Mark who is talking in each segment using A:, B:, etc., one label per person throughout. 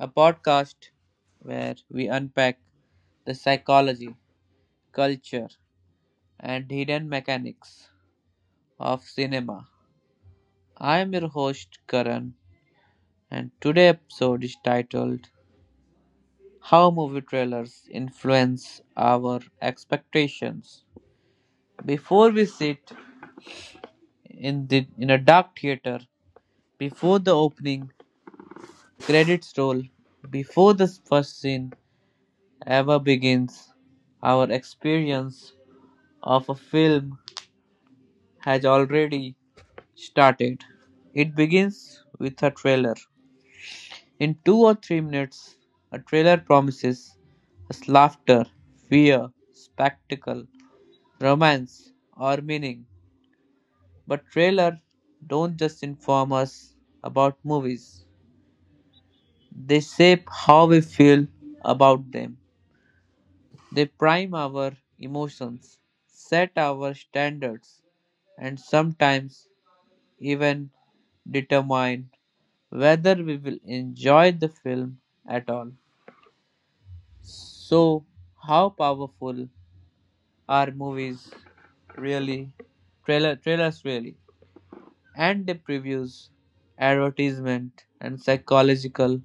A: a podcast where we unpack the psychology, culture, and hidden mechanics of cinema. I am your host Karan, and today's episode is titled How Movie Trailers Influence Our Expectations. Before we sit in the in a dark theater, before the opening credits roll, before the first scene ever begins, our experience of a film has already started. It begins with a trailer. In 2 or 3 minutes, a trailer promises us laughter, fear, spectacle, romance, or meaning. But trailers don't just inform us about movies, they shape how we feel about them. They prime our emotions, set our standards, and sometimes even determine whether we will enjoy the film at all. So, how powerful are movies really? Trailers really? And the previews, advertisement, and psychological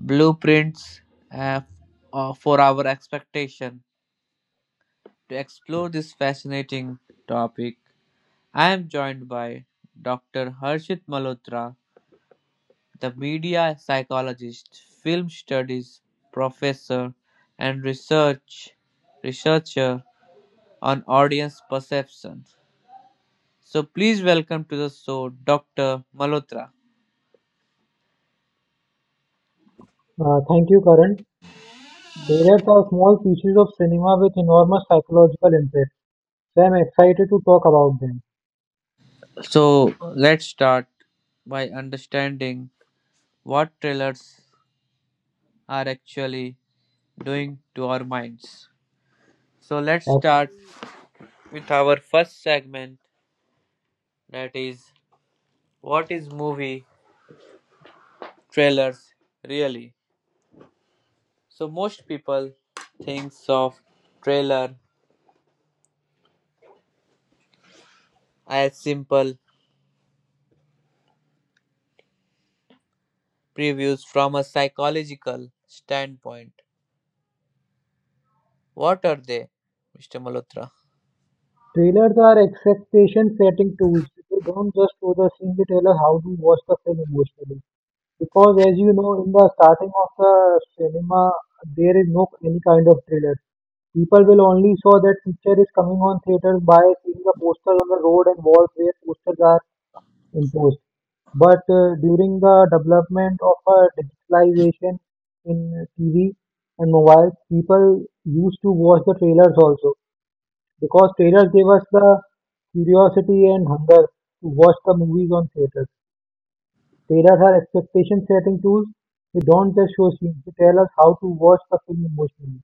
A: blueprints uh, f- for our expectation. To explore this fascinating topic, I am joined by Dr. Harshit Malhotra, the media psychologist, film studies professor, and researcher on audience perception. So please welcome to the show Dr. Malhotra.
B: Thank you, Karan. Favorites are small pieces of cinema with enormous psychological impact, so I'm excited to talk about them.
A: So let's start by understanding what trailers are actually doing to our minds. So let's
B: Uh,
A: start with our first segment, that is, what is movie trailers really. So most people thinks of trailer as simple previews. From a psychological standpoint, what are they, Mr. Malhotra?
B: Trailers are expectation setting tools. They don't just show the scene, they tell us how to watch the film emotionally. Because, as you know, in the starting of the cinema, there is no any kind of trailer. People will only saw that picture is coming on theaters by seeing the posters on the road and walls where posters are imposed. But during the development of digitalization in TV and mobiles, people used to watch the trailers also because trailers gave us the curiosity and hunger to watch the movies on theaters. Trailers are expectation setting tools. They don't just show scenes, they tell us how to watch the film emotionally.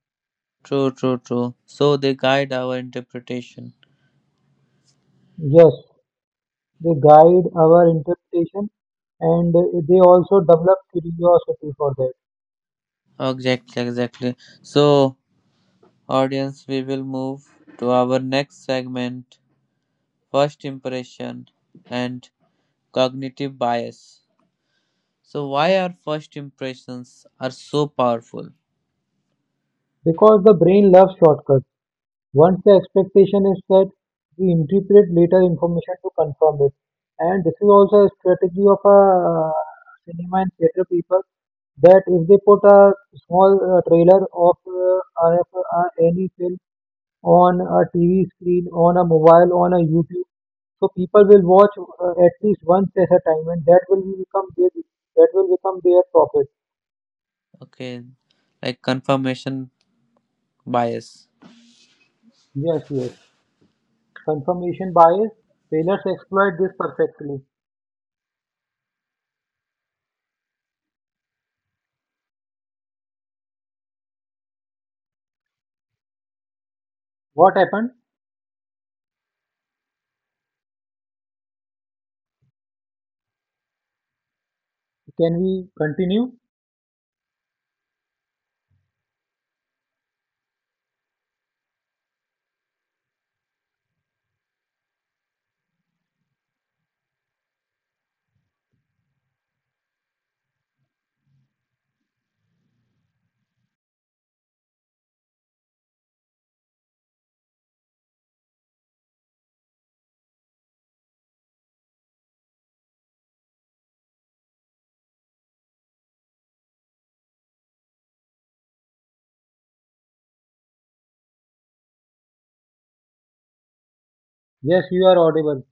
A: True, true, true. So they guide our interpretation.
B: Yes, they guide our interpretation and they also develop curiosity for that
A: Exactly, exactly. So audience, we will move to our next segment, first impression and cognitive bias. So why our first impressions are so powerful?
B: because the brain loves shortcuts. Once the expectation is set, we interpret later information to confirm it. And this is also a strategy of a cinema and theater people that if they put a small trailer of any film on a TV screen, on a mobile, on a YouTube, so people will watch at least once at a time, and that will become their that will become their profit.
A: Okay, like confirmation bias.
B: Yes, yes. Confirmation bias. Trailers exploit this perfectly. What happened? Can we continue? Yes, you are audible.